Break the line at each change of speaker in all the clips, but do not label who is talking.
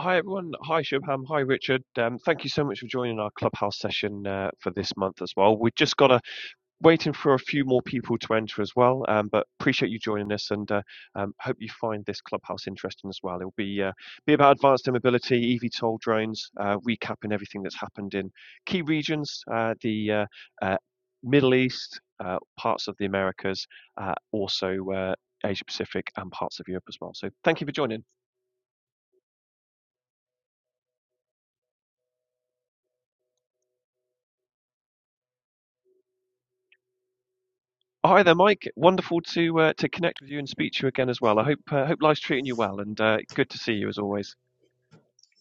Hi, everyone. Hi, Shubham. Hi, Richard. Um, thank you so much for joining our clubhouse session uh, for this month as well. We've just got a waiting for a few more people to enter as well, um, but appreciate you joining us and uh, um, hope you find this clubhouse interesting as well. It'll be uh, be about advanced air mobility, EVTOL drones, uh, recapping everything that's happened in key regions, uh, the uh, uh, Middle East, uh, parts of the Americas, uh, also uh, Asia Pacific, and parts of Europe as well. So thank you for joining. Oh, Hi there, Mike. Wonderful to uh, to connect with you and speak to you again as well. I hope uh, hope life's treating you well, and uh, good to see you as always.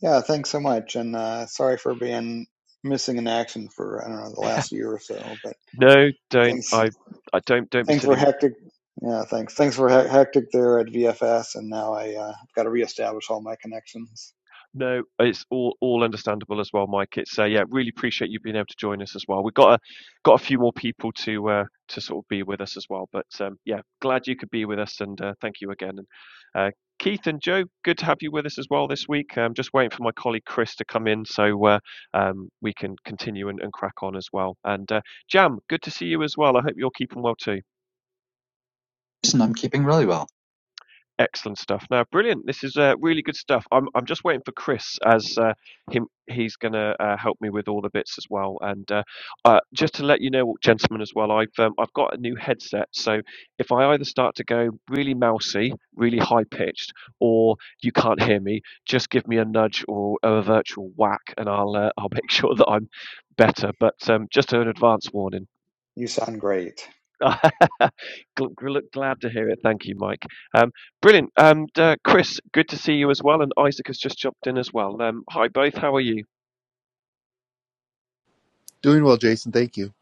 Yeah, thanks so much, and uh, sorry for being missing in action for I don't know the last year or so. But
No, don't.
things
I I don't don't be
things were
silly.
hectic. Yeah, thanks. Things were hec- hectic there at VFS, and now I uh, got to reestablish all my connections.
No, it's all all understandable as well, Mike. It's uh, yeah, really appreciate you being able to join us as well. We've got a got a few more people to uh, to sort of be with us as well, but um, yeah, glad you could be with us and uh, thank you again. And uh, Keith and Joe, good to have you with us as well this week. I'm just waiting for my colleague Chris to come in so uh, um, we can continue and, and crack on as well. And uh, Jam, good to see you as well. I hope you're keeping well too.
Listen, I'm keeping really well.
Excellent stuff. Now, brilliant. This is uh, really good stuff. I'm I'm just waiting for Chris as uh, him he's going to uh, help me with all the bits as well. And uh, uh, just to let you know, gentlemen, as well, I've um, I've got a new headset. So if I either start to go really mousy, really high pitched, or you can't hear me, just give me a nudge or a virtual whack, and I'll uh, I'll make sure that I'm better. But um, just an advance warning.
You sound great.
Gl- gl- Glad to hear it. Thank you, Mike. Um, brilliant. Um, d- uh, Chris, good to see you as well. And Isaac has just jumped in as well. Um, hi, both. How are you?
Doing well, Jason. Thank you.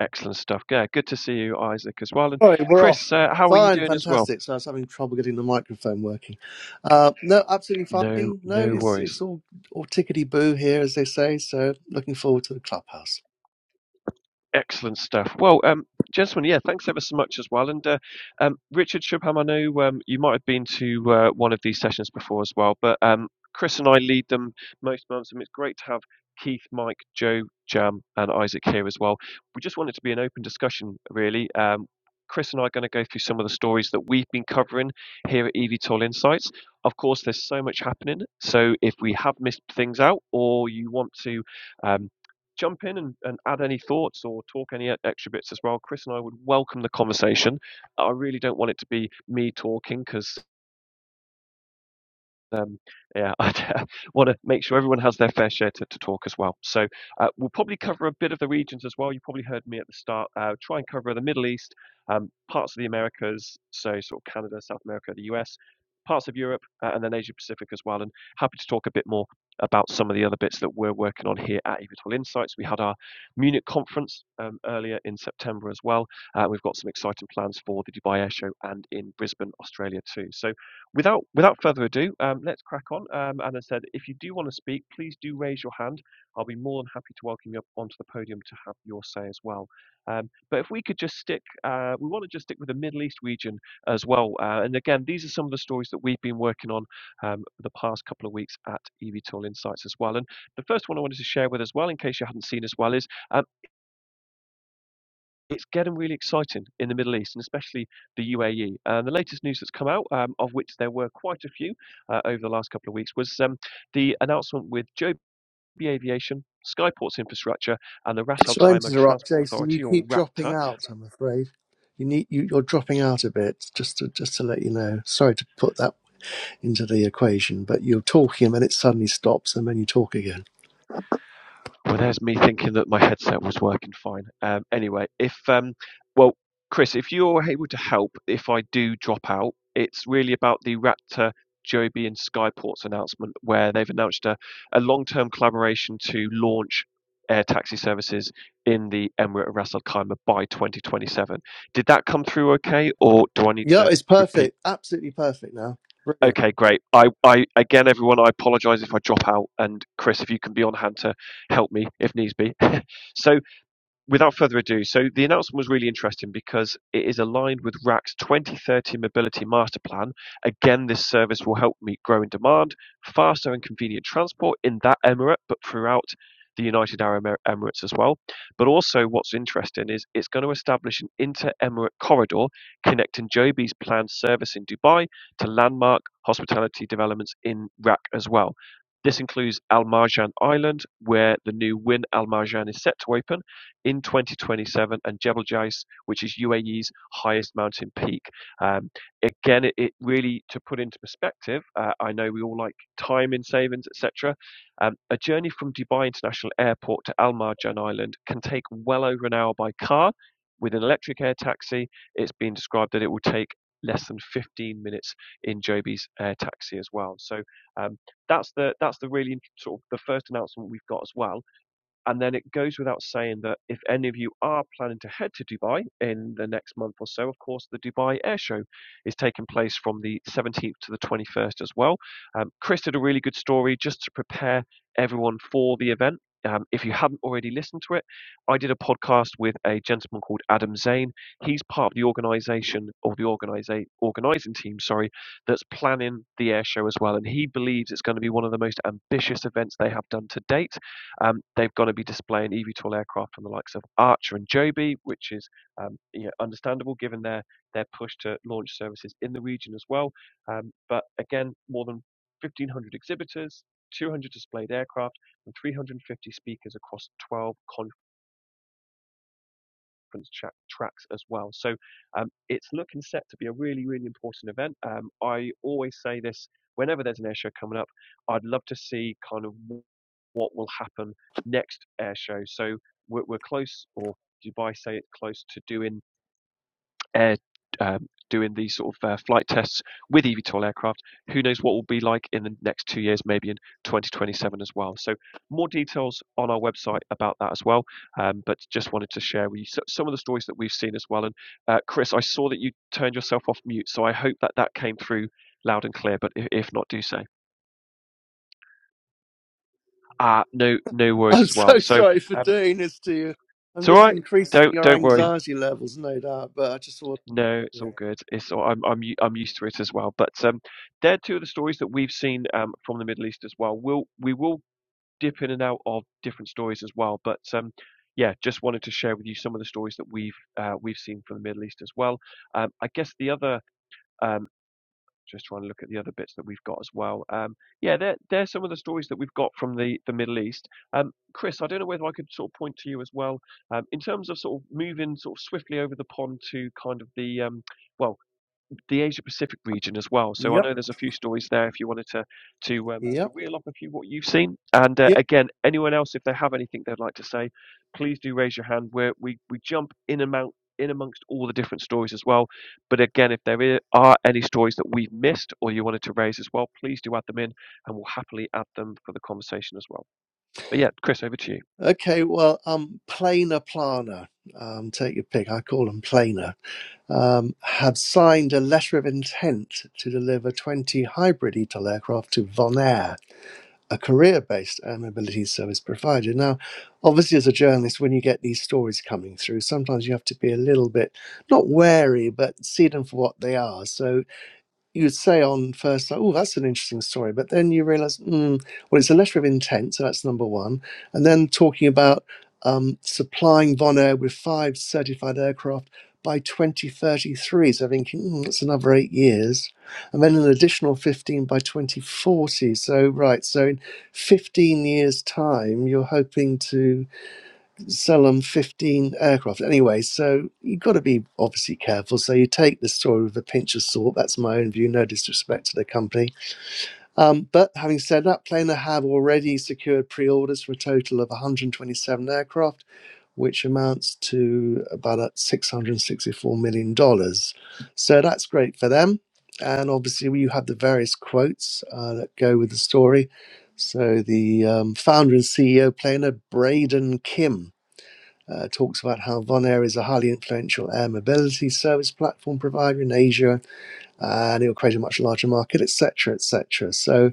Excellent stuff. Yeah, good to see you, Isaac, as well. And
Sorry, we're off.
Chris, uh, how are you
Fine,
doing as well?
fantastic. So I was having trouble getting the microphone working. Uh, no, absolutely
No,
fine. No,
no
it's
worries.
it's all all tickety boo here, as they say. So looking forward to the clubhouse.
Excellent stuff. Well, um, gentlemen, yeah, thanks ever so much as well. And uh, um, Richard Shubham, I know um, you might have been to uh, one of these sessions before as well, but um, Chris and I lead them most months, and it's great to have Keith, Mike, Joe, Jam, and Isaac here as well. We just want it to be an open discussion, really. Um, Chris and I are going to go through some of the stories that we've been covering here at EVTOL Insights. Of course, there's so much happening. So if we have missed things out or you want to um, jump in and, and add any thoughts or talk any e- extra bits as well. Chris and I would welcome the conversation. I really don't want it to be me talking because um, yeah, I want to make sure everyone has their fair share to, to talk as well. So uh, we'll probably cover a bit of the regions as well. You probably heard me at the start. Uh, try and cover the Middle East, um, parts of the Americas, so sort of Canada, South America, the US, parts of Europe, uh, and then Asia Pacific as well. And happy to talk a bit more about some of the other bits that we're working on here at Evitol Insights. We had our Munich conference um, earlier in September as well. Uh, we've got some exciting plans for the Dubai Air Show and in Brisbane, Australia too. So without without further ado, um, let's crack on. Um, and as I said, if you do want to speak, please do raise your hand. I'll be more than happy to welcome you up onto the podium to have your say as well. Um, but if we could just stick, uh, we want to just stick with the Middle East region as well. Uh, and again, these are some of the stories that we've been working on um, the past couple of weeks at EVTOL Insights as well. And the first one I wanted to share with as well, in case you hadn't seen as well, is it's getting really exciting in the Middle East and especially the UAE. And the latest news that's come out, um, of which there were quite a few uh, over the last couple of weeks, was um, the announcement with Joby Aviation, Skyports Infrastructure, and the Ras Al
Sorry to
Khaimah
interrupt,
Transport
Jason. You
Authority, or
keep
RAPTA,
dropping out. I'm afraid you need you, you're dropping out a bit. Just to just to let you know. Sorry to put that into the equation, but you're talking and then it suddenly stops, and then you talk again.
Well, there's me thinking that my headset was working fine. Um, anyway, if um, well, Chris, if you're able to help, if I do drop out, it's really about the Raptor, Joby, and Skyports announcement, where they've announced a, a long-term collaboration to launch air taxi services in the Emirate of Ras Al Khaimah by 2027. Did that come through okay, or do I need
Yeah,
to
it's
repeat?
perfect. Absolutely perfect now. Really
Okay, great. I, I again, everyone, I apologise if I drop out, and Chris, if you can be on hand to help me if needs be. so without further ado, so the announcement was really interesting because it is aligned with RAC's 2030 Mobility Master Plan. Again, this service will help meet growing demand, faster and convenient transport in that emirate, but throughout the United Arab Emirates as well. But also, what's interesting is it's going to establish an inter emirate corridor connecting Joby's planned service in Dubai to landmark hospitality developments in RAC as well. This includes Al Marjan Island, where the new Win Al Marjan is set to open in 2027 and Jebel Jais, which is UAE's highest mountain peak. Um, again, it, it really, to put into perspective, uh, I know we all like time in savings, etc. Um, a journey from Dubai International Airport to Al Marjan Island can take well over an hour by car. With an electric air taxi, it's been described that it will take less than 15 minutes in Joby's air taxi as well. So um, that's the that's the really sort of the first announcement we've got as well and then it goes without saying that if any of you are planning to head to Dubai in the next month or so, of course, the Dubai Air Show is taking place from the 17th to the 21st as well. Um, Chris did a really good story just to prepare everyone for the event. Um, if you haven't already listened to it, I did a podcast with a gentleman called Adam Zane. He's part of the organisation or the organisa- organising team, sorry, that's planning the air show as well. And he believes it's going to be one of the most ambitious events they have done to date um, they've got to be displaying eVTOL aircraft from the likes of Archer and Joby, which is um, you know, understandable given their their push to launch services in the region as well. Um, but again, more than 1,500 exhibitors, 200 displayed aircraft, and 350 speakers across 12 conference tra- tracks as well. So um, it's looking set to be a really, really important event. Um, I always say this whenever there's an airshow coming up. I'd love to see kind of what will happen next air show. So we're, we're close, or Dubai say it's close to doing air. Um, doing these sort of uh, flight tests with eVTOL aircraft. Who knows what will be like in the next two years, maybe in 2027 as well. So more details on our website about that as well. Um, but just wanted to share with you so- some of the stories that we've seen as well. And uh, Chris, I saw that you turned yourself off mute, so I hope that that came through loud and clear. But if, if not, do so. Ah, uh, no, no worries
I'm
as well.
so
So
sorry for
uh,
doing this to you. I'm
It's all
just
right.
increasing
Don't
your
don't worry.
anxiety levels, no doubt. But I just thought,
No, it's
Yeah.
all good. It's all, I'm I'm u- I'm used to it as well. But um, they're two of the stories that we've seen um from the Middle East as well. We'll we will dip in and out of different stories as well. But um, yeah, just wanted to share with you some of the stories that we've uh, we've seen from the Middle East as well. Um, I guess the other um. just trying to look at the other bits that we've got as well. Um, yeah, there there's some of the stories that we've got from the the Middle East. Um, Chris, I don't know whether I could sort of point to you as well um, in terms of sort of moving sort of swiftly over the pond to kind of the um, well the Asia Pacific region as well. So I
yep,
know there's a few stories there if you wanted to to um, to
yep,
reel up a few what you've seen. And uh,
yeah.
again, anyone else if they have anything they'd like to say, please do raise your hand. Where we we jump in amount in amongst all the different stories as well. But again, if there are any stories that we've missed or you wanted to raise as well, please do add them in, and we'll happily add them for the conversation as well. But yeah, Chris, over to you.
Okay, well, um, planer planer, um, take your pick. I call them planer. Um, have signed a letter of intent to deliver 20 hybrid ETOL aircraft to Vonair, a career-based air mobility service provider. Now, obviously, as a journalist, when you get these stories coming through, sometimes you have to be a little bit not wary, but see them for what they are. So you'd say on first sight, oh, that's an interesting story. But then you realize, mm, well, it's a letter of intent, so that's number one. And then talking about um, supplying Vonair with five certified aircraft by 2033. So thinking, mm, that's another eight years. And then an additional 15 by 2040. So, right, so in 15 years' time, you're hoping to sell them 15 aircraft. Anyway, so you've got to be obviously careful. So you take the story with a pinch of salt. That's my own view, no disrespect to the company. Um, but having said that, Planer have already secured pre orders for a total of 127 aircraft, which amounts to about uh, $664 million. dollars. So that's great for them. And obviously, you have the various quotes uh, that go with the story. So the um, founder and CEO, Planer, Braden Kim uh, talks about how Vonair is a highly influential air mobility service platform provider in Asia, and it will create a much larger market, etc., etc. So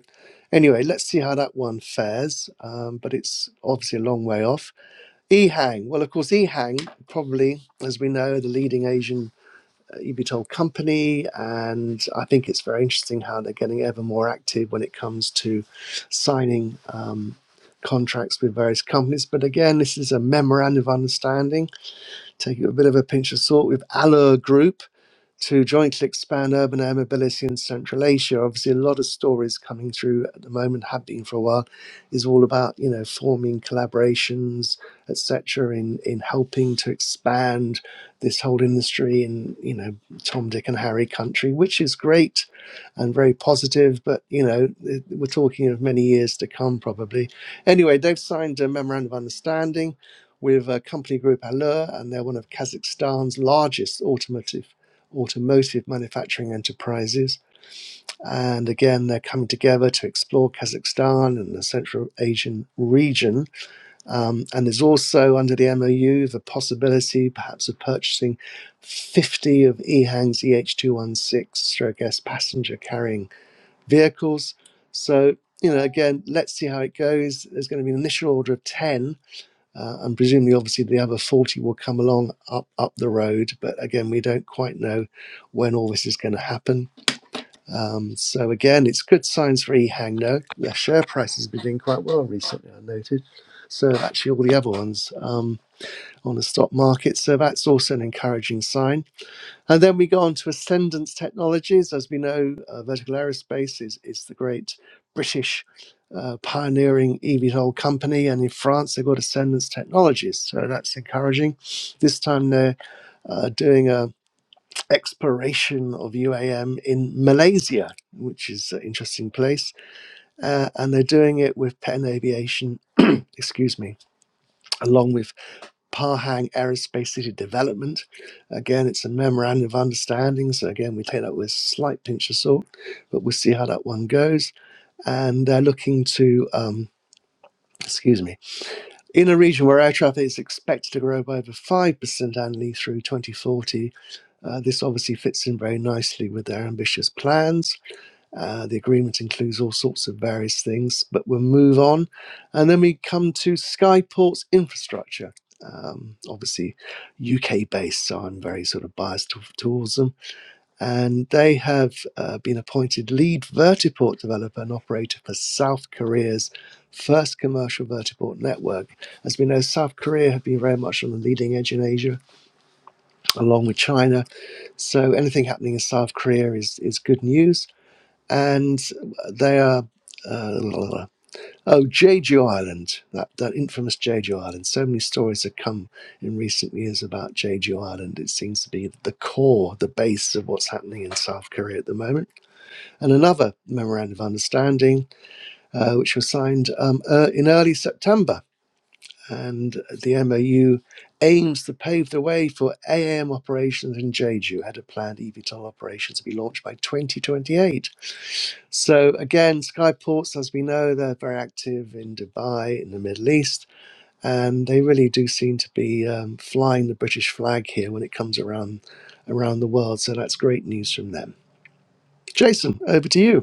anyway, let's see how that one fares, um, but it's obviously a long way off. EHang, well, of course, EHang probably, as we know, the leading Asian uh, eVTOL company, and I think it's very interesting how they're getting ever more active when it comes to signing um, contracts with various companies. But again, this is a memorandum of understanding take it with a bit of a pinch of salt with Aller Group, to jointly expand urban air mobility in Central Asia. Obviously, a lot of stories coming through at the moment have been for a while. Is all about you know forming collaborations, etc. In in helping to expand this whole industry in you know Tom, Dick, and Harry country, which is great and very positive. But you know it- we're talking of many years to come probably. Anyway, they've signed a memorandum of understanding. With a company group Allure, and they're one of Kazakhstan's largest automotive automotive manufacturing enterprises. And again, they're coming together to explore Kazakhstan and the Central Asian region. Um, and there's also under the MOU the possibility perhaps of purchasing 50 of EHANG's EH216 stroke S passenger carrying vehicles. So, you know, again, let's see how it goes. There's going to be an initial order of 10 uh, and presumably, obviously, the other 40 will come along up, up the road. But again, we don't quite know when all this is going to happen. Um, so, again, it's good signs for eHangno. The share price has been doing quite well recently, I noted. So, actually, all the other ones um, on the stock market. So, that's also an encouraging sign. And then we go on to Ascendance Technologies. As we know, uh, Vertical Aerospace is, is the great British uh, pioneering eVTOL company. And in France, they've got Ascendance Technologies. So that's encouraging. This time they're uh, doing a exploration of UAM in Malaysia, which is an interesting place. Uh, and they're doing it with Penn Aviation, excuse me, along with Pahang Aerospace City Development. Again, it's a memorandum of understanding, so again, we take that with a slight pinch of salt, but we'll see how that one goes. And they're looking to, um, excuse me, in a region where air traffic is expected to grow by over 5% annually through 2040, uh, this obviously fits in very nicely with their ambitious plans. Uh, the agreement includes all sorts of various things, but we'll move on. And then we come to Skyport's infrastructure. Um, obviously, UK based, so I'm very sort of biased to- towards them. And they have uh, been appointed lead vertiport developer and operator for South Korea's first commercial vertiport network. As we know, South Korea have been very much on the leading edge in Asia, along with China. So anything happening in South Korea is, is good news and they are uh, oh Jeju Island, that that infamous Jeju Island. So many stories have come in recent years about Jeju Island. It seems to be the core, the base of what's happening in South Korea at the moment. And another memorandum of understanding, uh, which was signed um, uh, in early September and the MOU aims to pave the way for AM operations in Jeju, had a planned eVTOL operation to be launched by 2028. So again, Skyports, as we know, they're very active in Dubai, in the Middle East, and they really do seem to be um, flying the British flag here when it comes around around the world. So that's great news from them. Jason, over to you.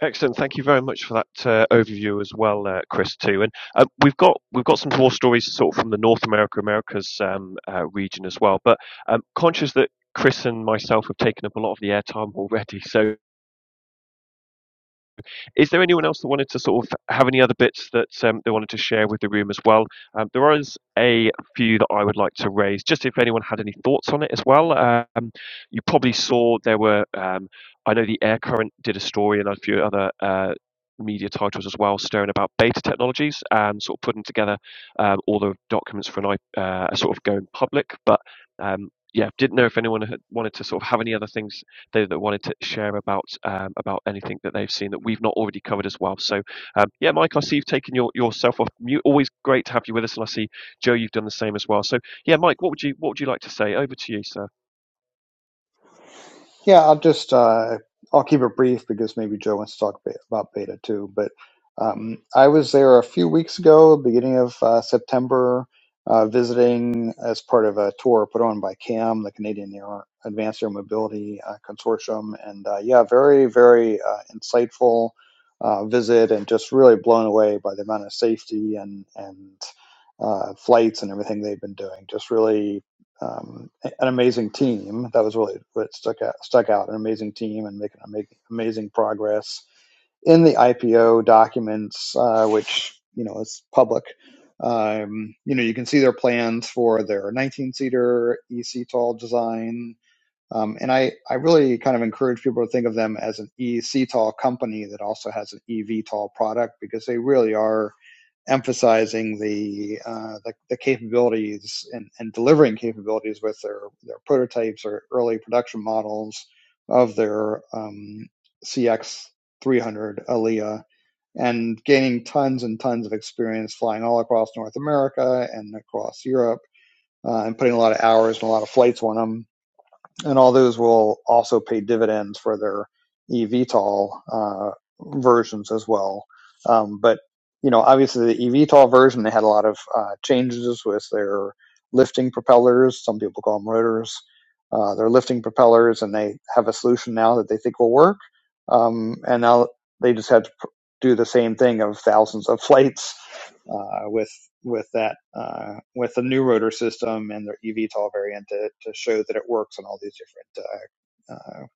Excellent. Thank you very much for that uh, overview as well, uh, Chris. Too, and uh, we've got we've got some more stories sort of from the North America Americas um, uh, region as well. But um, conscious that Chris and myself have taken up a lot of the airtime already, so is there anyone else that wanted to sort of have any other bits that um, they wanted to share with the room as well? Um, there is a few that I would like to raise, just if anyone had any thoughts on it as well. Um, you probably saw there were, um, I know the Air Current did a story and a few other. Uh, media titles as well stirring about beta technologies and sort of putting together um, all the documents for an I- uh, sort of going public but um, yeah didn't know if anyone had wanted to sort of have any other things they, that wanted to share about um, about anything that they've seen that we've not already covered as well. So um, yeah, Mike, I see you've taken your, yourself off mute. Always great to have you with us, and I see Joe, you've done the same as well. So yeah, Mike, what would you what would you like to say? Over to you, sir.
Yeah, I'll just uh, I'll keep it brief because maybe Joe wants to talk a about beta too. But um, I was there a few weeks ago, beginning of uh, September, uh, visiting as part of a tour put on by CAM, the Canadian Air Advanced Air Mobility uh, Consortium, and uh, yeah, very very uh, insightful uh, visit, and just really blown away by the amount of safety and and uh, flights and everything they've been doing. Just really. Um, an amazing team. That was really what stuck out, stuck out. An amazing team and making amazing progress in the IPO documents, uh, which you know is public. Um, you know, you can see their plans for their 19-seater EC-tall design. Um, and I, I really kind of encourage people to think of them as an EC-tall company that also has an EV-tall product because they really are emphasizing the uh, the, the capabilities and, and delivering capabilities with their their prototypes or early production models of their um, CX 300 Alia and gaining tons and tons of experience flying all across North America and across Europe uh, and putting a lot of hours and a lot of flights on them and all those will also pay dividends for their eVTOL uh, versions as well. Um, but you know, obviously the eVTOL version they had a lot of uh, changes with their lifting propellers. Some people call them rotors. Uh, are lifting propellers, and they have a solution now that they think will work. Um, and now they just had to do the same thing of thousands of flights uh, with with that uh, with the new rotor system and their eVTOL variant to, to show that it works on all these different uh, uh,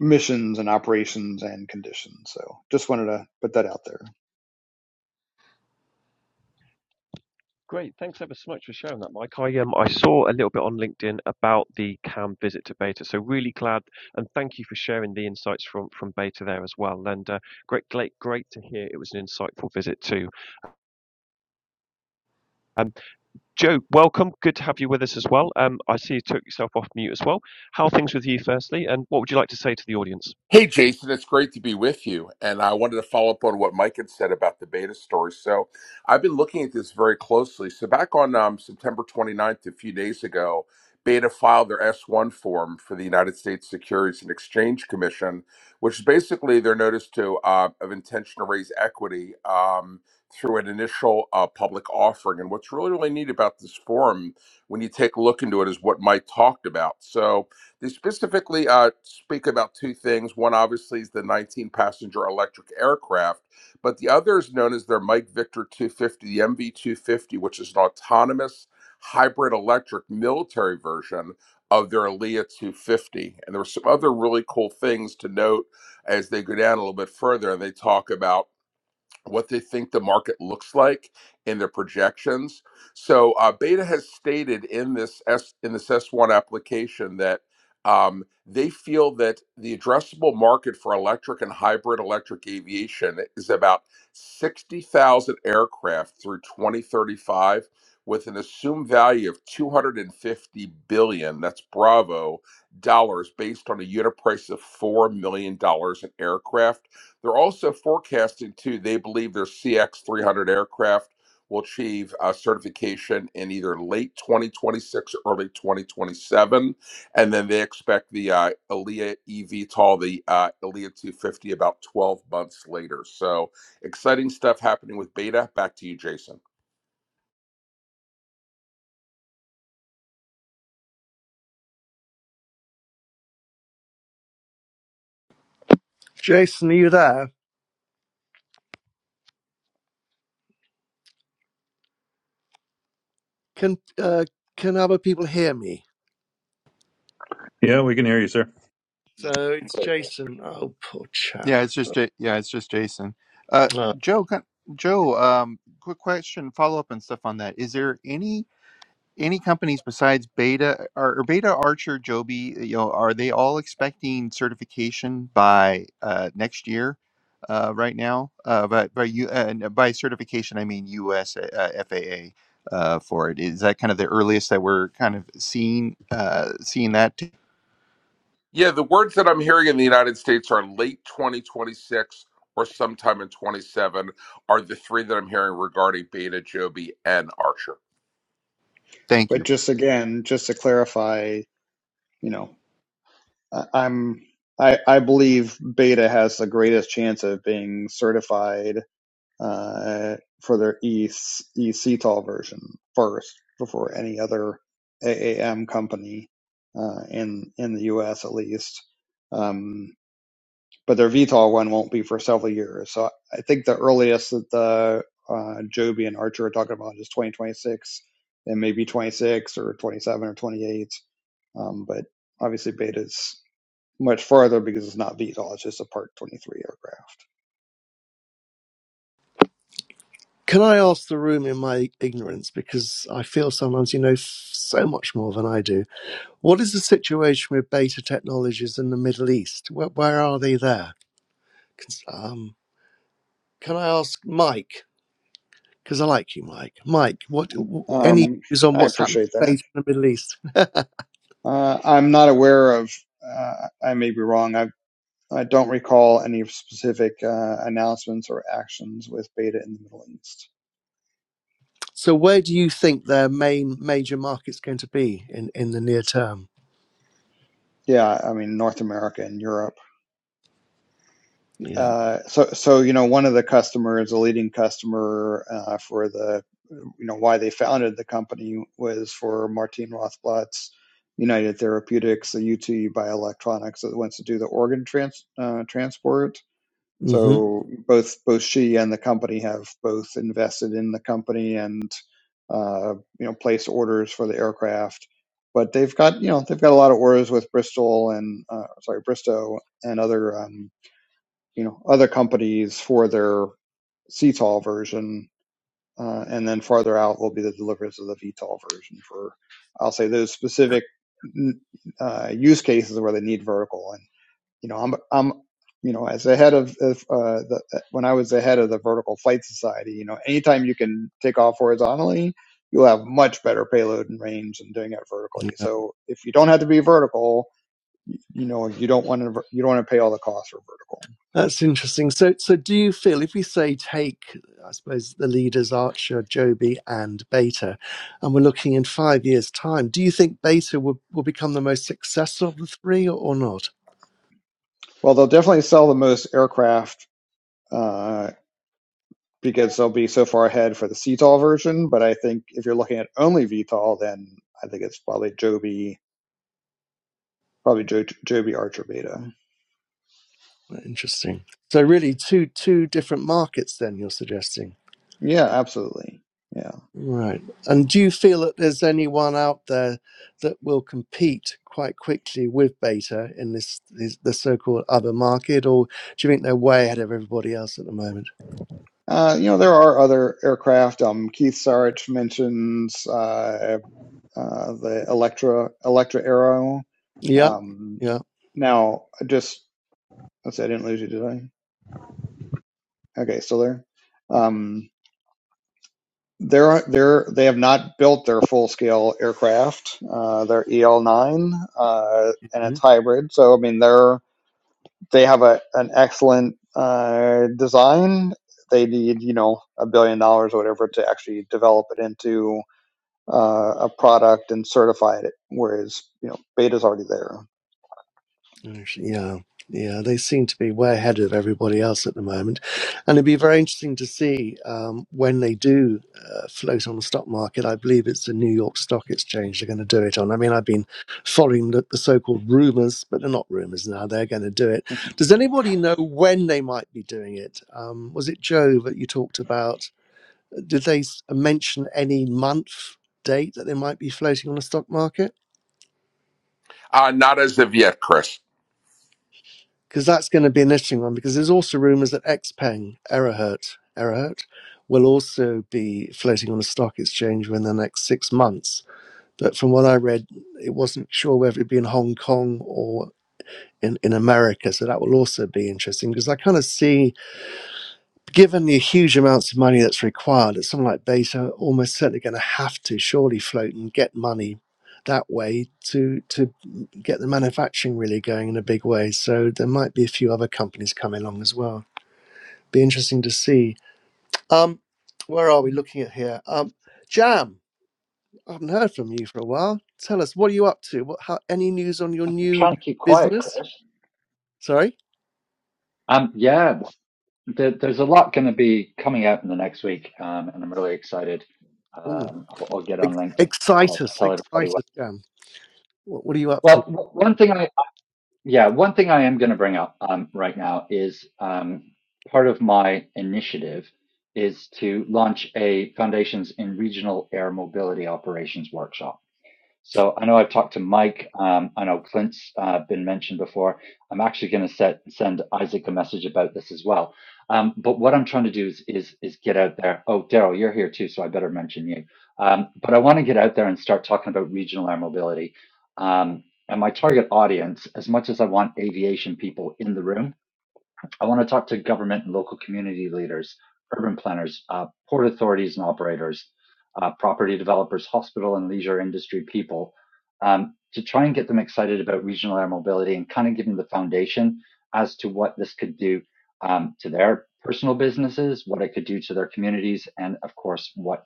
missions and operations and conditions. So just wanted to put that out there.
Great, thanks ever so much for sharing that, Mike. I um I saw a little bit on LinkedIn about the CAM visit to Beta, so really glad and thank you for sharing the insights from from Beta there as well. And uh, great, great, great to hear it was an insightful visit too. Um, Joe, welcome. Good to have you with us as well. Um, I see you took yourself off mute as well. How are things with you, firstly, and what would you like to say to the audience?
Hey, Jason, it's great to be with you. And I wanted to follow up on what Mike had said about the beta story. So I've been looking at this very closely. So back on um, September 29th, a few days ago, Beta filed their S1 form for the United States Securities and Exchange Commission, which is basically their notice to uh, of intention to raise equity um, through an initial uh, public offering. And what's really, really neat about this forum, when you take a look into it, is what Mike talked about. So they specifically uh, speak about two things. One, obviously, is the 19 passenger electric aircraft, but the other is known as their Mike Victor 250, the MV 250, which is an autonomous hybrid electric military version of their Leah 250. And there were some other really cool things to note as they go down a little bit further and they talk about what they think the market looks like in their projections. So uh, Beta has stated in this S in this S1 application that um, they feel that the addressable market for electric and hybrid electric aviation is about 60,000 aircraft through 2035 with an assumed value of 250 billion that's bravo dollars based on a unit price of 4 million dollars an aircraft they're also forecasting too. they believe their CX 300 aircraft will achieve uh, certification in either late 2026 or early 2027. And then they expect the uh, ELIA eVTOL, the uh, ELIA 250, about 12 months later. So exciting stuff happening with beta. Back to you, Jason.
Jason, are you there? Can uh, can other people hear me?
Yeah, we can hear you, sir.
So it's Jason. Oh, poor chap.
Yeah, it's just Ja- yeah, it's just Jason. Uh,
Uh,
Joe, can- Joe, um, quick question, follow up and stuff on that. Is there any any companies besides Beta or, or Beta Archer, Joby? You know, are they all expecting certification by uh, next year? Uh, right now, uh, but by you uh, n- by certification, I mean U.S. Uh, FAA uh, for it. Is that kind of the earliest that we're kind of seeing uh, seeing that?
Yeah, the words that I'm hearing in the United States are late 2026 or sometime in 27 are the three that I'm hearing regarding beta, Joby, and Archer.
Thank you.
But just again, just to clarify, you know, I, I'm I, I believe Beta has the greatest chance of being certified uh, for their EC, ECTOL version first before any other AAM company uh, in in the U.S. at least. Um, but their VTOL one won't be for several years. So I think the earliest that the uh, Joby and Archer are talking about is 2026, and maybe 26 or 27 or 28. Um, but obviously, betas much farther because it's not VTOL, it's just a Part 23 aircraft.
can I ask the room in my ignorance because I feel sometimes you know f- so much more than I do. What is the situation with Beta Technologies in the Middle East? Where, where are they there? 'Cause, um, can I ask Mike? Because I like you, Mike. Mike, what w- any
Um,
views on
I
what's happening
appreciate
to
that.
Beta in the Middle East?
Uh, I'm not aware of, uh, I may be wrong, I, I don't recall any specific uh, announcements or actions with Beta in the Middle East.
So where do you think their main major market's going to be in in the near term?
Yeah, I mean, North America and Europe.
Yeah.
Uh, so, so you know, one of the customers, a leading customer uh, for the, you know, why they founded the company was for Martin Rothblatt's United Therapeutics, the UT Bioelectronics that wants to do the organ trans, uh, transport.
hmm
So both both she and the company have both invested in the company and uh, you know placed orders for the aircraft. But they've got you know they've got a lot of orders with Bristol and uh, sorry Bristow and other. um, you know other companies for their CTOL version, uh, and then farther out will be the deliveries of the V VTOL version for I'll say those specific uh, use cases where they need vertical. And you know I'm I'm you know as the head of, of uh, the when I was the head of the Vertical Flight Society, you know anytime you can take off horizontally. You'll have much better payload and range than doing it vertically.
Yeah.
So if you don't have to be vertical, you know you don't want to you don't want to pay all the costs for vertical.
That's interesting. So, so do you feel if we say take, I suppose, the leaders Archer, Joby, and Beta, and we're looking in five years' time, do you think Beta will, will become the most successful of the three or, or not?
Well, they'll definitely sell the most aircraft uh, because they'll be so far ahead for the CTOL version. But I think if you're looking at only VTOL, then I think it's probably Joby, probably jo- Joby Archer Beta.
Interesting. So, really, two two different markets. Then you're suggesting,
Yeah, absolutely. Yeah.
right? And do you feel that there's anyone out there that will compete quite quickly with Beta in this, this the so-called other market, or do you think they're way ahead of everybody else at the moment?
Uh, you know, there are other aircraft. Um, Keith Sarich mentions uh, uh, the Electra Electra Arrow.
Yeah,
Um,
yeah,
now, just let's see, I didn't lose you, did I? Okay, still there. Um, They're, they're, they have not built their full scale aircraft. Uh, they're EL9, uh, and
hmm
it's hybrid. So, I mean, they're, they have a, an excellent, uh, design. They need, you know, a billion dollars or whatever to actually develop it into, uh, a product and certify it. Whereas, you know, beta's already there.
actually, yeah, yeah. They seem to be way ahead of everybody else at the moment, and it'd be very interesting to see um, when they do uh, float on the stock market. I believe it's the New York Stock Exchange they're going to do it on. I mean, I've been following the, the so-called rumors, but they're not rumors now. They're going to do it. Does anybody know when they might be doing it? Um, was it Joe that you talked about? Did they s- mention any month? Date that they might be floating on the stock market?
Uh, not as of yet, Chris.
because that's going to be an interesting one because there's also rumors that Xpeng, Erahert, Erahert will also be floating on a stock exchange within the next six months. But from what I read, it wasn't sure whether it'd be in Hong Kong or in, in America. So that will also be interesting because I kind of see given the huge amounts of money that's required, that someone like Bezos almost certainly going to have to surely float and get money that way to to get the manufacturing really going in a big way. So there might be a few other companies coming along as well. Be interesting to see. Um, where are we looking at here? Um, Jam, I haven't heard from you for a while. Tell us what are you up to? What how any news on your
I'm
new
trying to keep quiet,
business?
Chris.
Sorry.
Um, yeah, there, there's a lot going to be coming out in the next week, um, and I'm really excited.
Ooh,
Um, I'll, I'll get on
ex-
LinkedIn.
excite
I'll
us,
tell everybody
excite
what.
us, Jam. What, what are you up to?
Well, w- one thing I yeah, one thing I am going to bring up um, right now is um, part of my initiative is to launch a Foundations in Regional Air Mobility Operations workshop. So I know I've talked to Mike. Um, I know Clint's uh, been mentioned before. I'm actually going to set send Isaac a message about this as well. Um, but what I'm trying to do is is is get out there. Oh, Daryl, you're here too, so I better mention you. Um, but I want to get out there and start talking about regional air mobility. Um, and my target audience, as much as I want aviation people in the room, I want to talk to government and local community leaders, urban planners, uh, port authorities and operators, uh, property developers, hospital and leisure industry people, um, to try and get them excited about regional air mobility and kind of give them the foundation as to what this could do um, to their personal businesses, what it could do to their communities, and of course, what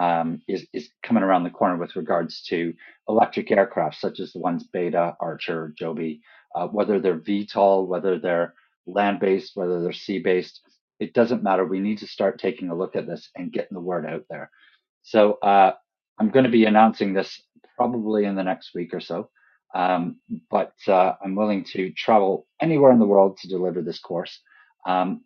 um, is, is coming around the corner with regards to electric aircraft, such as the ones Beta, Archer, Joby, uh, whether they're VTOL, whether they're land based, whether they're sea based. It doesn't matter. We need to start taking a look at this and getting the word out there. So uh, I'm going to be announcing this probably in the next week or so. Um, but uh, I'm willing to travel anywhere in the world to deliver this course. Um,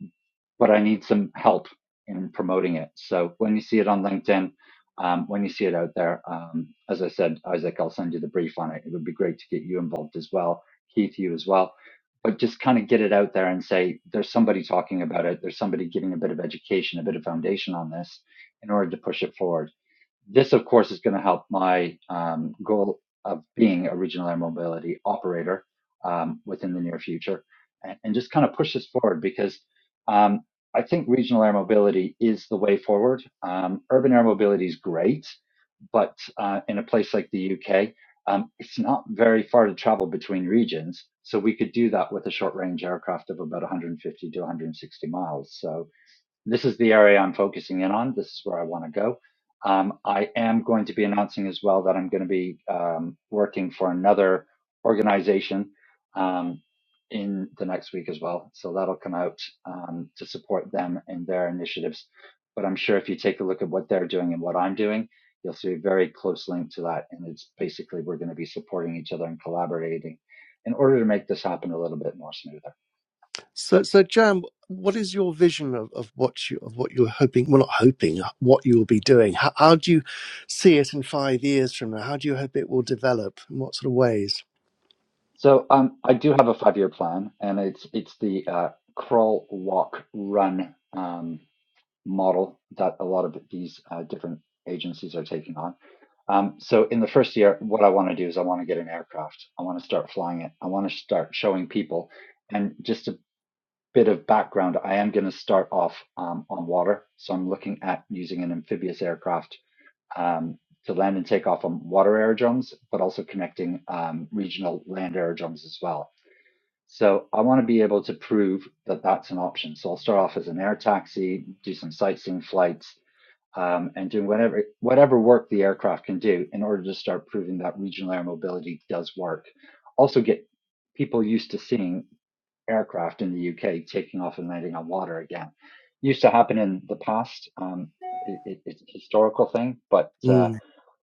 but I need some help in promoting it. So when you see it on LinkedIn, um, when you see it out there, um, as I said, Isaac, I'll send you the brief on it. It would be great to get you involved as well, Keith, you as well. But just kind of get it out there and say there's somebody talking about it. There's somebody giving a bit of education, a bit of foundation on this in order to push it forward. This, of course, is going to help my um, goal of being a regional air mobility operator um, within the near future and, and just kind of push this forward because um, I think regional air mobility is the way forward. Um, urban air mobility is great, but uh, in a place like the UK, um, it's not very far to travel between regions. So we could do that with a short range aircraft of about 150 to 160 miles. So this is the area I'm focusing in on. This is where I want to go. Um, I am going to be announcing as well that I'm going to be um, working for another organization um, in the next week as well. So that'll come out um, to support them in their initiatives. But I'm sure if you take a look at what they're doing and what I'm doing, you'll see a very close link to that. And it's basically we're going to be supporting each other and collaborating in order to make this happen a little bit more smoothly.
So, so Jan, what is your vision of, of what you of what you're hoping? Well, not hoping. uh, What you will be doing? How, how do you see it in five years from now? How do you hope it will develop? In what sort of ways?
So um, I do have a five-year plan, and it's it's the uh, crawl, walk, run um, model that a lot of these uh, different agencies are taking on. Um, so in the first year, what I want to do is I want to get an aircraft. I want to start flying it. I want to start showing people. And just a bit of background, I am going to start off um, on water. So I'm looking at using an amphibious aircraft um, to land and take off on water aerodromes, but also connecting um, regional land aerodromes as well. So I want to be able to prove that that's an option. So I'll start off as an air taxi, do some sightseeing flights, um, and doing whatever whatever work the aircraft can do in order to start proving that regional air mobility does work. Also, get people used to seeing aircraft in the UK taking off and landing on water again. Used to happen in the past. Um, it, it, it's a historical thing, but.
Mm.
Uh,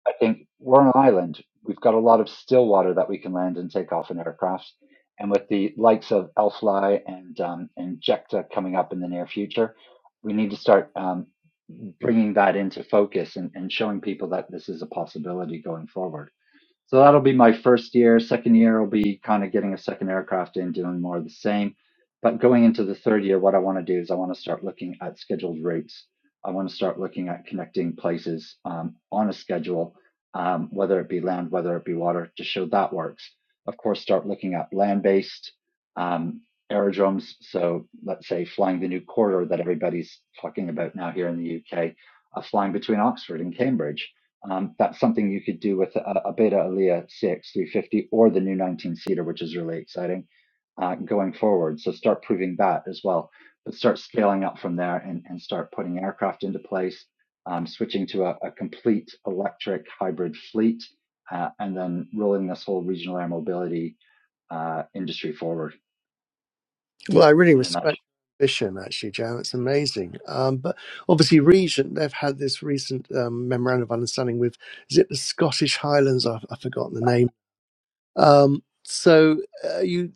I think we're on an island. We've got a lot of still water that we can land and take off an aircraft. And with the likes of Elfly and um, and Jekta coming up in the near future, we need to start um, bringing that into focus and, and showing people that this is a possibility going forward. So that'll be my first year. Second year will be kind of getting a second aircraft in, doing more of the same. But going into the third year, what I want to do is I want to start looking at scheduled routes. I want to start looking at connecting places um, on a schedule, um, whether it be land, whether it be water, to show that works. Of course, start looking at land based um, aerodromes. So let's say flying the new corridor that everybody's talking about now here in the UK, uh, flying between Oxford and Cambridge um, that's something you could do with a, a Beta Alia CX350 or the new 19 seater, which is really exciting uh, going forward. So start proving that as well, but start scaling up from there and, and start putting aircraft into place, um, switching to a, a complete electric hybrid fleet, uh, and then rolling this whole regional air mobility uh, industry forward.
Well, I really
in a nutshell.
respect your ambition, actually, Joe. It's amazing. Um, but obviously, Regent, they've had this recent um, memorandum of understanding with, is it the Scottish Highlands? I've, I've forgotten the name. Um, so, uh, you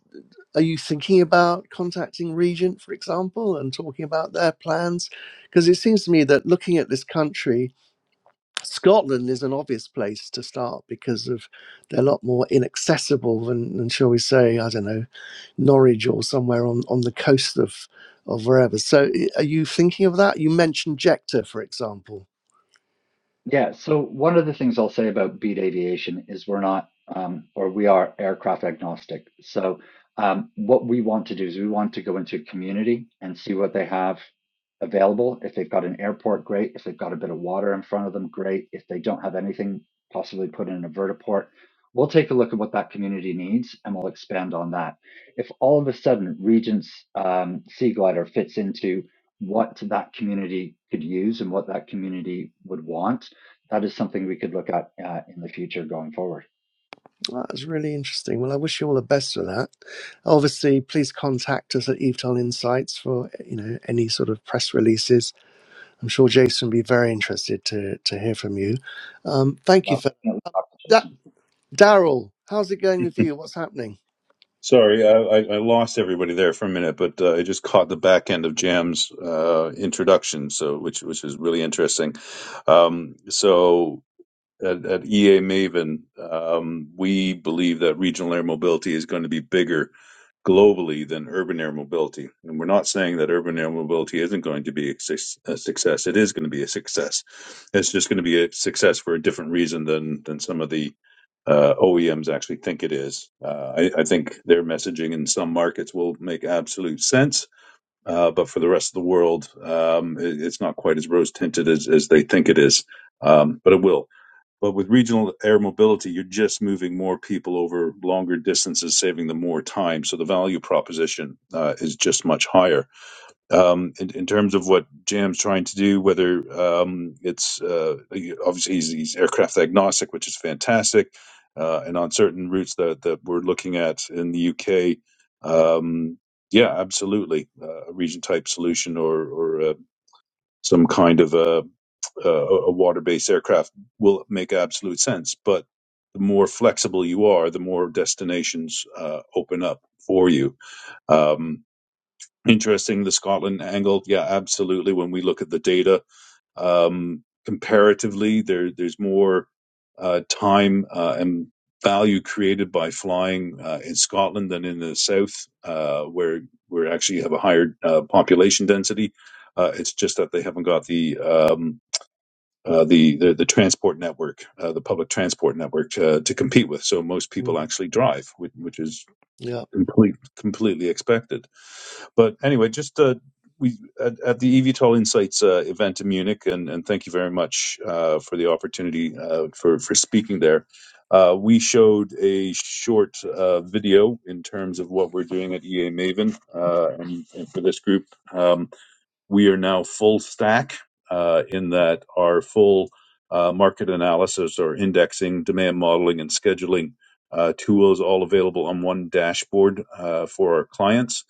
are you thinking about contacting Regent, for example, and talking about their plans? Because it seems to me that looking at this country, Scotland is an obvious place to start because of they're a lot more inaccessible than, than shall we say, I don't know, Norwich or somewhere on, on the coast of of wherever. So eh, are you thinking of that? You mentioned Jector, for example.
Yeah. So one of the things I'll say about Beat Aviation is we're not, um, or we are aircraft agnostic. So um, what we want to do is we want to go into a community and see what they have available. If they've got an airport, great. If they've got a bit of water in front of them, great. If they don't have anything, possibly put in a vertiport. We'll take a look at what that community needs and we'll expand on that. If all of a sudden Regent's um, Sea Glider fits into what that community could use and what that community would want, that is something we could look at uh, in the future going forward.
Well, That's really interesting. Well, I wish you all the best for that. Obviously, please contact us at Evton Insights for you know any sort of press releases. I'm sure Jason would be very interested to to hear from you. Um, thank you
Well,
for
definitely talk to
that,
Jason.
Daryl. How's it going with you? What's happening?
Sorry, I, I, I lost everybody there for a minute, but uh, I just caught the back end of Jam's uh, introduction, so which which is really interesting. Um, so at, at EA Maven, um, we believe that regional air mobility is going to be bigger globally than urban air mobility. And we're not saying that urban air mobility isn't going to be a success. It is going to be a success. It's just going to be a success for a different reason than than some of the uh, OEMs actually think it is. Uh, I, I think their messaging in some markets will make absolute sense, uh, but for the rest of the world, um, it, it's not quite as rose tinted as, as they think it is. Um, but it will. But with regional air mobility, you're just moving more people over longer distances, saving them more time. So the value proposition uh, is just much higher. Um, in, in terms of what Jam's trying to do, whether um, it's uh, obviously he's, he's aircraft agnostic, which is fantastic. Uh, and on certain routes that, that we're looking at in the UK, um, yeah, absolutely. Uh, a region type solution or, or uh, some kind of a uh, a water-based aircraft will make absolute sense. But the more flexible you are, the more destinations uh, open up for you. Um, interesting, the Scotland angle. Yeah, absolutely. When we look at the data um, comparatively, there there's more uh, time uh, and value created by flying uh, in Scotland than in the south, uh, where we actually have a higher uh, population density. Uh, it's just that they haven't got the um, uh, the, the the transport network, uh, the public transport network, uh, to compete with. So most
Mm,
people actually drive, which, which is
yeah,
complete, completely expected. But anyway, just uh, we at, at the EVTOL Insights uh, event in Munich, and, and thank you very much uh, for the opportunity uh, for for speaking there. Uh, we showed a short uh, video in terms of what we're doing at EA Maven uh, and, and for this group. Um, we are now full stack uh, in that our full uh, market analysis or indexing, demand modeling, and scheduling uh, tools all available on one dashboard uh, for our clients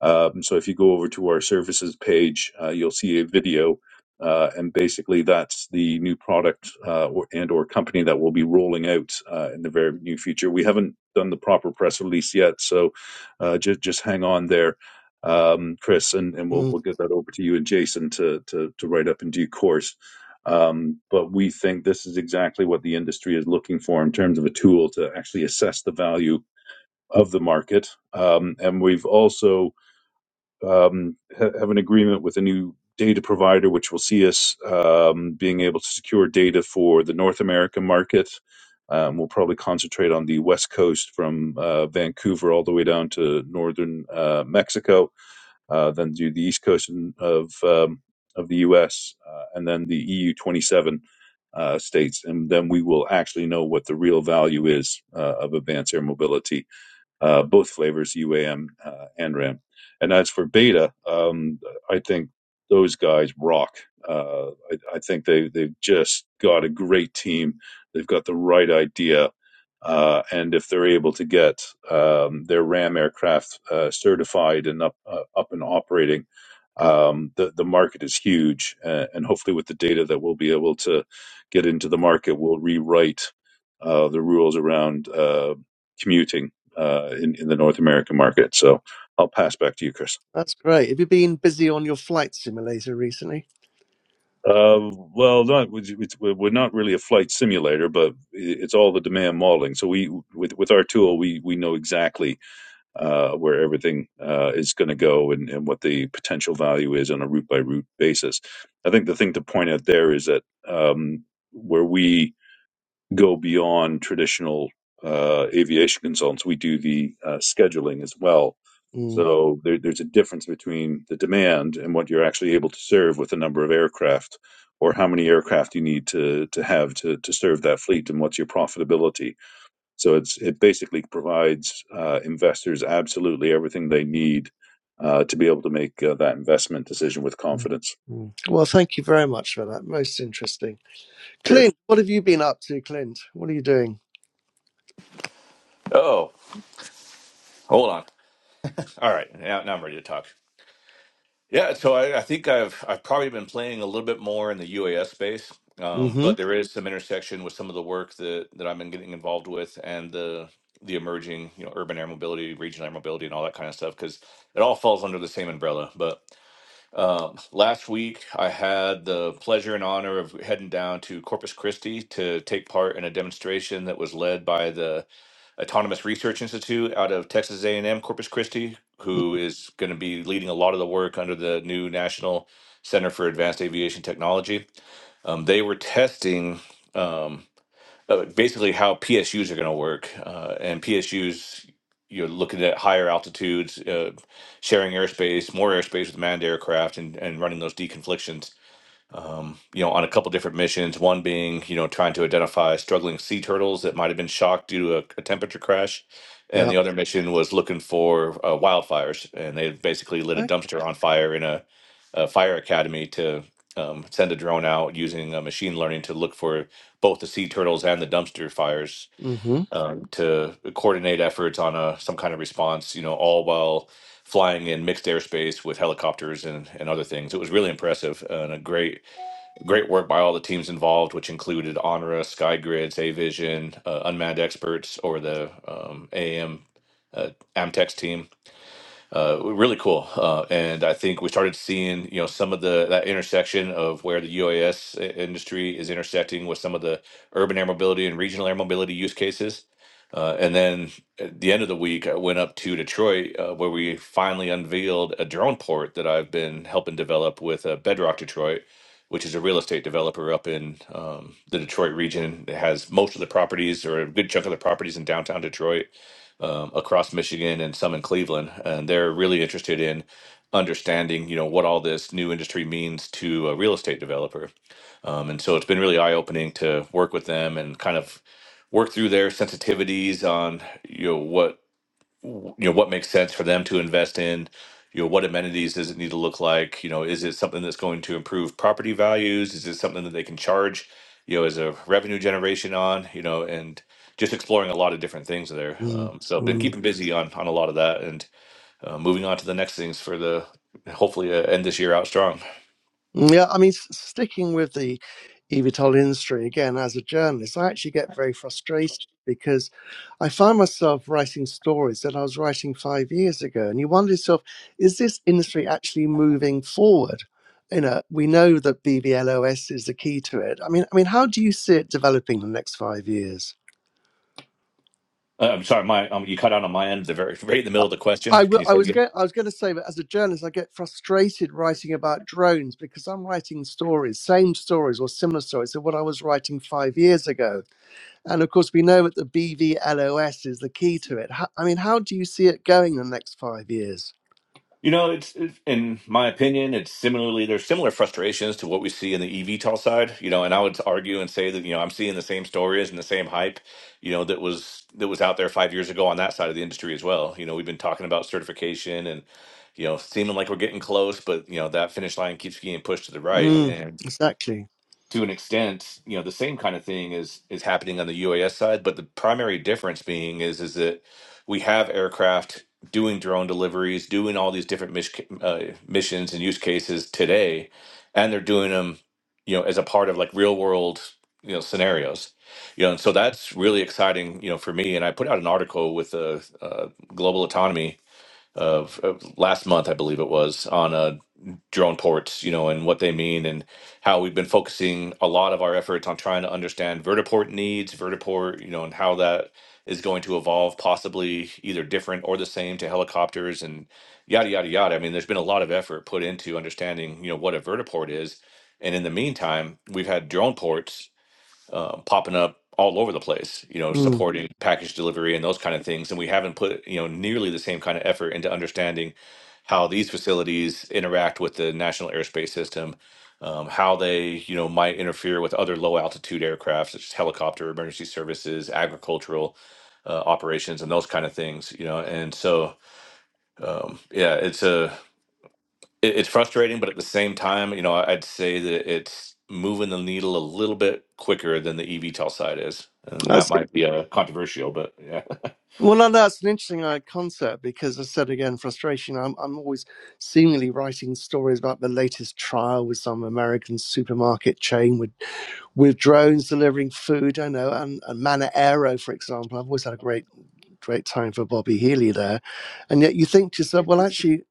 um, so if you go over to our services page, uh, you'll see a video, uh, and basically that's the new product uh, or, and or company that we'll be rolling out uh, in the very near future. We haven't done the proper press release yet, so uh, just just hang on there, um, Chris, and, and we'll
mm,
we'll get that over to you and Jason to to, to write up in due course. Um, but we think this is exactly what the industry is looking for in terms of a tool to actually assess the value of the market. Um, and we've also um, ha- have an agreement with a new data provider, which will see us um, being able to secure data for the North American market. Um, we'll probably concentrate on the West Coast from uh, Vancouver all the way down to northern uh, Mexico, uh, then do the East Coast and- of um, of the U.S. Uh, and then the EU 27 uh, states, and then we will actually know what the real value is uh, of advanced air mobility uh, both flavors, UAM uh, and RAM. And as for Beta, um, I think those guys rock. Uh, I, I think they they've just got a great team. They've got the right idea, uh, and if they're able to get um, their RAM aircraft uh, certified and up uh, up and operating, um, the the market is huge. Uh, and hopefully, with the data that we'll be able to get into the market, we'll rewrite uh, the rules around uh, commuting uh, in in the North American market. So I'll pass back to you, Chris.
that's great. Have you been busy on your flight simulator recently?
Uh, well, not it's, we're not really a flight simulator, but it's all the demand modeling. So we with with our tool, we we know exactly uh, where everything uh, is going to go and, and what the potential value is on a route by route basis. I think the thing to point out there is that um, where we go beyond traditional uh, aviation consultants. We do the uh, scheduling as well.
Mm,
So there, there's a difference between the demand and what you're actually able to serve with the number of aircraft or how many aircraft you need to, to have to, to serve that fleet and what's your profitability. So it's it basically provides uh, investors absolutely everything they need uh, to be able to make uh, that investment decision with
mm,
confidence.
mm. Well, thank you very much for that. Most interesting.
Cheers.
Clint, what have you been up to, Clint? What are you doing?
Oh, hold on. All right, now, now I'm ready to talk. Yeah, so I, I think I've I've probably been playing a little bit more in the UAS space, um,
Mm-hmm.
but there is some intersection with some of the work that that I've been getting involved with and the the emerging you know urban air mobility, regional air mobility, and all that kind of stuff because it all falls under the same umbrella. But um, last week I had the pleasure and honor of heading down to Corpus Christi to take part in a demonstration that was led by the Autonomous Research Institute out of Texas A&M Corpus Christi,
mm,
who is going to be leading a lot of the work under the new National Center for Advanced Aviation Technology. Um, they were testing um, uh, basically how PSUs are going to work, uh, and PSUs you're looking at higher altitudes, uh, sharing airspace, more airspace with manned aircraft, and, and running those deconflictions um, you know, on a couple different missions. One being, you know, trying to identify struggling sea turtles that might have been shocked due to a, a temperature crash, and
Yeah.
the other mission was looking for uh, wildfires, and they basically lit a
Okay.
dumpster on fire in a, a fire academy to um, send a drone out using uh, machine learning to look for both the sea turtles and the dumpster fires.
Mm-hmm.
Um, to coordinate efforts on a some kind of response, you know, all while flying in mixed airspace with helicopters and, and other things. It was really impressive and a great Great work by all the teams involved, which included Honora, SkyGrid, Avision, uh, Unmanned Experts, or the um, AM uh, Amtex team uh, really cool. Uh, and I think we started seeing, you know, some of the that intersection of where the UAS industry is intersecting with some of the urban air mobility and regional air mobility use cases. Uh, and then at the end of the week, I went up to Detroit, uh, where we finally unveiled a drone port that I've been helping develop with uh, Bedrock Detroit, which is a real estate developer up in um, the Detroit region. It has most of the properties or a good chunk of the properties in downtown Detroit um, across Michigan and some in Cleveland, and they're really interested in understanding, you know, what all this new industry means to a real estate developer. Um, and so it's been really eye opening to work with them and kind of work through their sensitivities on, you know, what w- you know what makes sense for them to invest in you know what amenities does it need to look like you know is it something that's going to improve property values is it something that they can charge you know as a revenue generation on you know and just exploring a lot of different things there
mm,
um, so I've been
mm.
keeping busy on on a lot of that and uh, moving on to the next things for the hopefully uh, end this year out strong
Yeah, I mean, s- sticking with the eVTOL industry again, as a journalist, I actually get very frustrated because I find myself writing stories that I was writing five years ago. And you wonder yourself, is this industry actually moving forward? You know, we know that BVLOS is the key to it. I mean, I mean, how do you see it developing in the next five years?
Uh, I'm sorry, my um, you cut out on my end, the very right in the
I
middle of the question.
I
Can
w-
you
I
say it
was
again?
going. I was going to say that as a journalist, I get frustrated writing about drones because I'm writing stories, same stories or similar stories to what I was writing five years ago. And of course, we know that the BVLOS is the key to it. How, I mean, how do you see it going the next five years?
You know, it's, it's in my opinion, it's similarly there's similar frustrations to what we see in the eVTOL side. You know, and I would argue and say that you know I'm seeing the same stories and the same hype, you know, that was that was out there five years ago on that side of the industry as well. You know, we've been talking about certification and you know seeming like we're getting close, but you know that finish line keeps getting pushed to the right,
Mm,
and
exactly.
to an extent, you know, the same kind of thing is is happening on the UAS side, but the primary difference being is is that we have aircraft doing drone deliveries, doing all these different mis- uh, missions and use cases today, and they're doing them, you know, as a part of like real world, you know, scenarios, you know, and so that's really exciting, you know, for me. And I put out an article with uh, uh, Global Autonomy of, of last month, I believe it was, on uh, drone ports, you know, and what they mean, and how we've been focusing a lot of our efforts on trying to understand vertiport needs, vertiport, you know, and how that is going to evolve, possibly either different or the same to helicopters and yada yada yada. I mean, there's been a lot of effort put into understanding, you know, what a vertiport is, and in the meantime, we've had drone ports uh, popping up all over the place, you know,
Mm.
supporting package delivery and those kind of things. And we haven't put, you know, nearly the same kind of effort into understanding how these facilities interact with the national airspace system, um, how they, you know, might interfere with other low altitude aircraft, such as helicopter, emergency services, agricultural uh, operations, and those kind of things, you know. And so, um, yeah, it's a it, it's frustrating, but at the same time, you know, I- I'd say that it's moving the needle a little bit quicker than the eVTOL side is, and that
That's it.
might be uh, controversial, but yeah.
Well, no, no, that's an interesting uh, concept because, as I said again, frustration. I'm, I'm always seemingly writing stories about the latest trial with some American supermarket chain with with drones delivering food. I know, and, and Manor Aero, for example, I've always had a great, great time for Bobby Healy there. And yet you think to yourself, well, actually,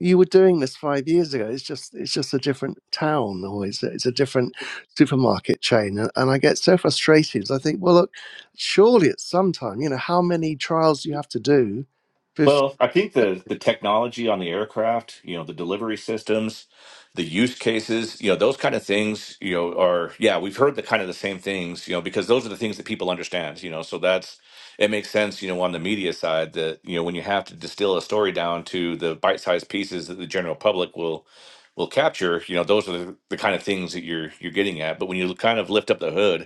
you were doing this five years ago. It's just, it's just a different town, or it's a, it's a different supermarket chain. And, and I get so frustrated. 'cause I think, well, look, surely at some time, you know, how many trials do you have to do before?
Well, I think the the technology on the aircraft, you know, the delivery systems, the use cases, you know, those kind of things, you know, are yeah, we've heard the kind of the same things, you know, because those are the things that people understand, you know. So that's it makes sense, you know, on the media side that, you know, when you have to distill a story down to the bite-sized pieces that the general public will will capture, you know, those are the, the kind of things that you're you're getting at. But when you kind of lift up the hood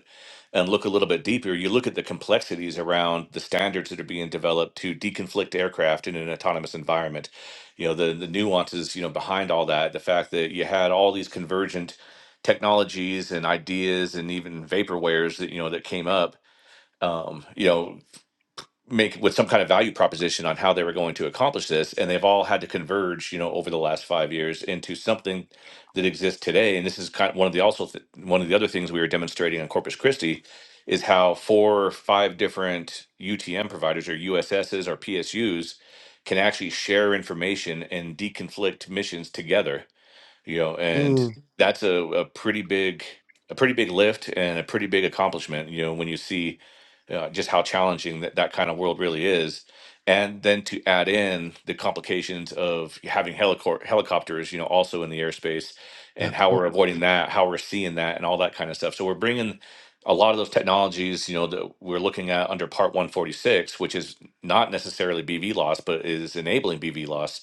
and look a little bit deeper, you look at the complexities around the standards that are being developed to deconflict aircraft in an autonomous environment. You know, the the nuances, you know, behind all that, the fact that you had all these convergent technologies and ideas and even vaporwares that, you know, that came up. Um, you know, make with some kind of value proposition on how they were going to accomplish this and they've all had to converge you know over the last five years into something that exists today and this is kind of one of the also th- one of the other things we were demonstrating on corpus christi is how four or five different utm providers or uss's or psus can actually share information and deconflict missions together you know and
Mm,
that's a, a pretty big a pretty big lift and a pretty big accomplishment you know when you see uh, just how challenging that, that kind of world really is and then to add in the complications of having helicor- helicopters you know also in the airspace
yeah,
and how
mm,
we're avoiding that how we're seeing that and all that kind of stuff so we're bringing a lot of those technologies you know that we're looking at under part 146 which is not necessarily bv loss but is enabling bv loss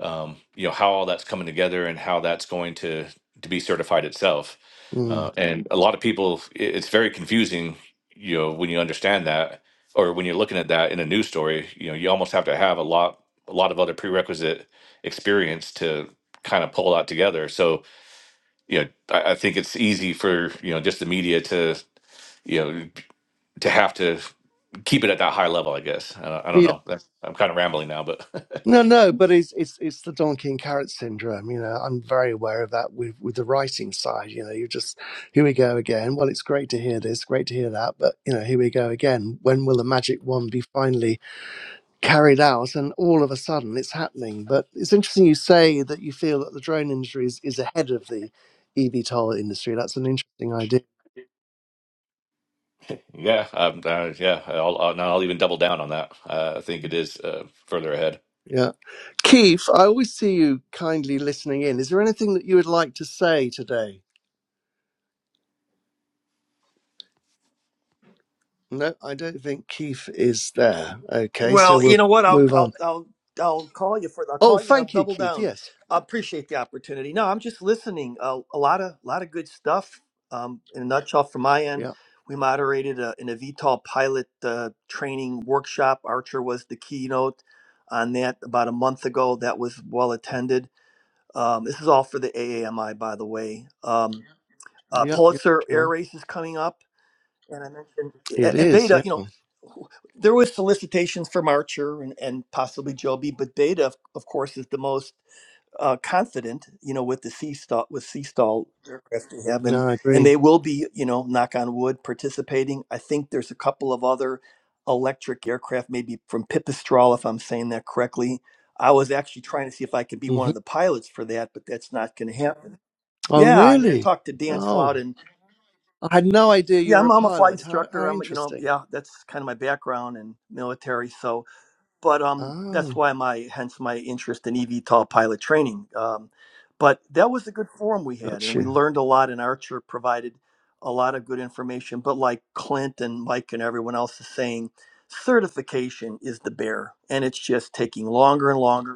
um, you know how all that's coming together and how that's going to to be certified itself
mm,
uh, and a lot of people it- it's very confusing you know when you understand that or when you're looking at that in a news story you know you almost have to have a lot a lot of other prerequisite experience to kind of pull that together so you know I, I think it's easy for you know just the media to you know to have to keep it at that high level i guess i, don't- I
yeah.
don't know That's, i'm kind of rambling now but
No, no, but it's it's it's the donkey and carrot syndrome. You know, I'm very aware of that with with the writing side. You know, you just here we go again. Well, it's great to hear this, great to hear that, but you know, here we go again. When will the magic wand be finally carried out? And all of a sudden, it's happening. But it's interesting you say that you feel that the drone industry is, is ahead of the eVTOL industry. That's an interesting idea.
Yeah, um, uh, yeah. I'll, I'll, now I'll even double down on that. Uh, I think it is uh, further ahead.
Yeah, Keith, I always see you kindly listening in. Is there anything that you would like to say today? No, I don't think Keith is there. Okay, so
Well, you
we'll
know what? I'll
move on.
I'll I'll I'll call you for I'll
Oh,
call you and I'll
thank you,
double
Keith.
down.
Yes.
I appreciate the opportunity. No, I'm just listening. A, a lot of lot of good stuff. Um, in a nutshell, from my end,
Yeah.
we moderated a, an VTOL pilot uh, training workshop. Archer was the keynote on that about a month ago. That was well attended. Um, this is all for the AAMI, by the way. Um, uh,
Yeah. Yeah.
Pulitzer Air
Sure.
Race is coming up and I mentioned
It
a- and
is.
Beta,
Yeah.
you know, who- there was solicitations from Archer and, and possibly Joby, but Beta, of of course, is the most uh, confident, you know, with the sea stall with sea stall aircraft they have, and
No, I
and
agree.
they will be, you know, knock on wood, participating. I think there's a couple of other electric aircraft, maybe from Pipistrel, if I'm saying that correctly. I was actually trying to see if I could be one
hmm
of the pilots for that, but that's not going to happen.
Oh,
Yeah, I mean, I
really?
talked to Dan Slout
Oh, I had no idea you
yeah
were
i'm,
a
I'm a flight
pilot. How
instructor
how
i'm you know
interesting.
yeah that's kind of my background in military so but um that's
Oh,
why my hence my interest in evtol pilot training um but that was a good forum we had
got
and we
you.
learned a lot and archer provided a lot of good information but like clint and mike and everyone else is saying certification is the bear and it's just taking longer and longer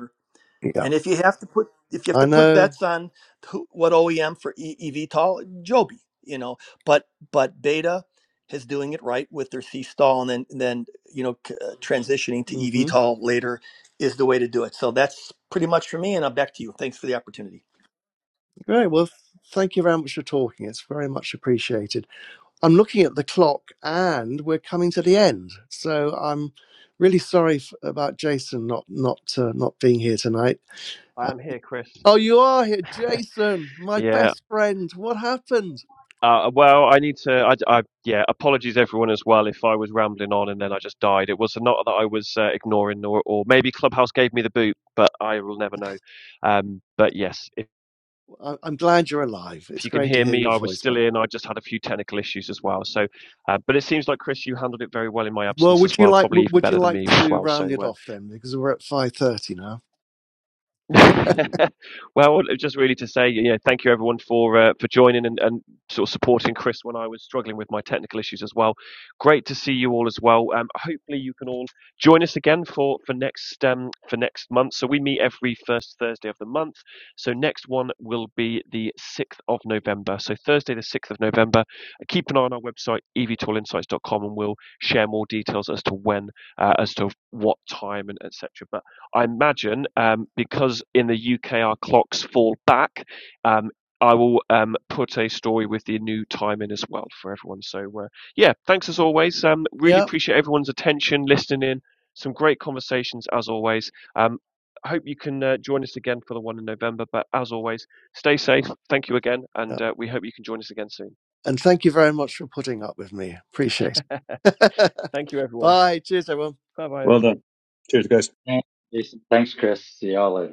Yeah.
and if you have to put if you have
I
to put
know.
bets on who, what OEM for e, eVTOL, Joby, you know, but but Beta is doing it right with their C stall, and then and then you know c- uh, transitioning to
hmm
eVTOL later is the way to do it. So that's pretty much for me, and I'm back to you. Thanks for the opportunity.
Great. Well, thank you very much for talking. It's very much appreciated. I'm looking at the clock and we're coming to the end. So I'm really sorry f- about Jason not not uh, not being here tonight.
I
Uh,
am here, Chris.
oh, you are here, Jason, my
Yeah.
best friend. What happened?
Uh, well, I need to. I, I, yeah. Apologies, everyone, as well, if I was rambling on and then I just died. It was not that I was uh, ignoring, or, or maybe Clubhouse gave me the boot, but I will never know. Um, but yes, if,
I- I'm glad you're alive.
if
It's
you can
great to
hear
hear
me,
your
I was
voice
still
back.
in. I just had a few technical issues as well. So, uh, but it seems like Chris, you handled it very well in my
Well,
absence
would
as
you
well.
like
Probably
w-
even
would you
better than
like
me as
to
well.
round it
So, uh,
off then because we're at 5:30 now.
Well, just really to say, yeah, thank you everyone for uh, for joining and, and sort of supporting Chris when I was struggling with my technical issues as well. Great to see you all as well. Um, hopefully you can all join us again for for next um for next month. So we meet every first Thursday of the month. So next one will be the sixth of November. So Thursday the sixth of November. Keep an eye on our website e v tool insights dot com and we'll share more details as to when, uh, as to what time and etc. But I imagine um, because in the UK our clocks fall back, um, I will um, put a story with the new time in as well for everyone. So uh, yeah, thanks as always. Um, really
Yep.
appreciate everyone's attention, listening in. Some great conversations as always. Um, I hope you can uh, join us again for the one in November. But as always, stay safe. Thank you again, and
yep.
uh, we hope you can join us again soon.
And thank you very much for putting up with me. Appreciate it.
Thank you, everyone.
Bye. Cheers everyone.
Bye bye,
Well
everyone.
done. Cheers, guys.
Thanks, Jason. Thanks, Chris. See y'all later.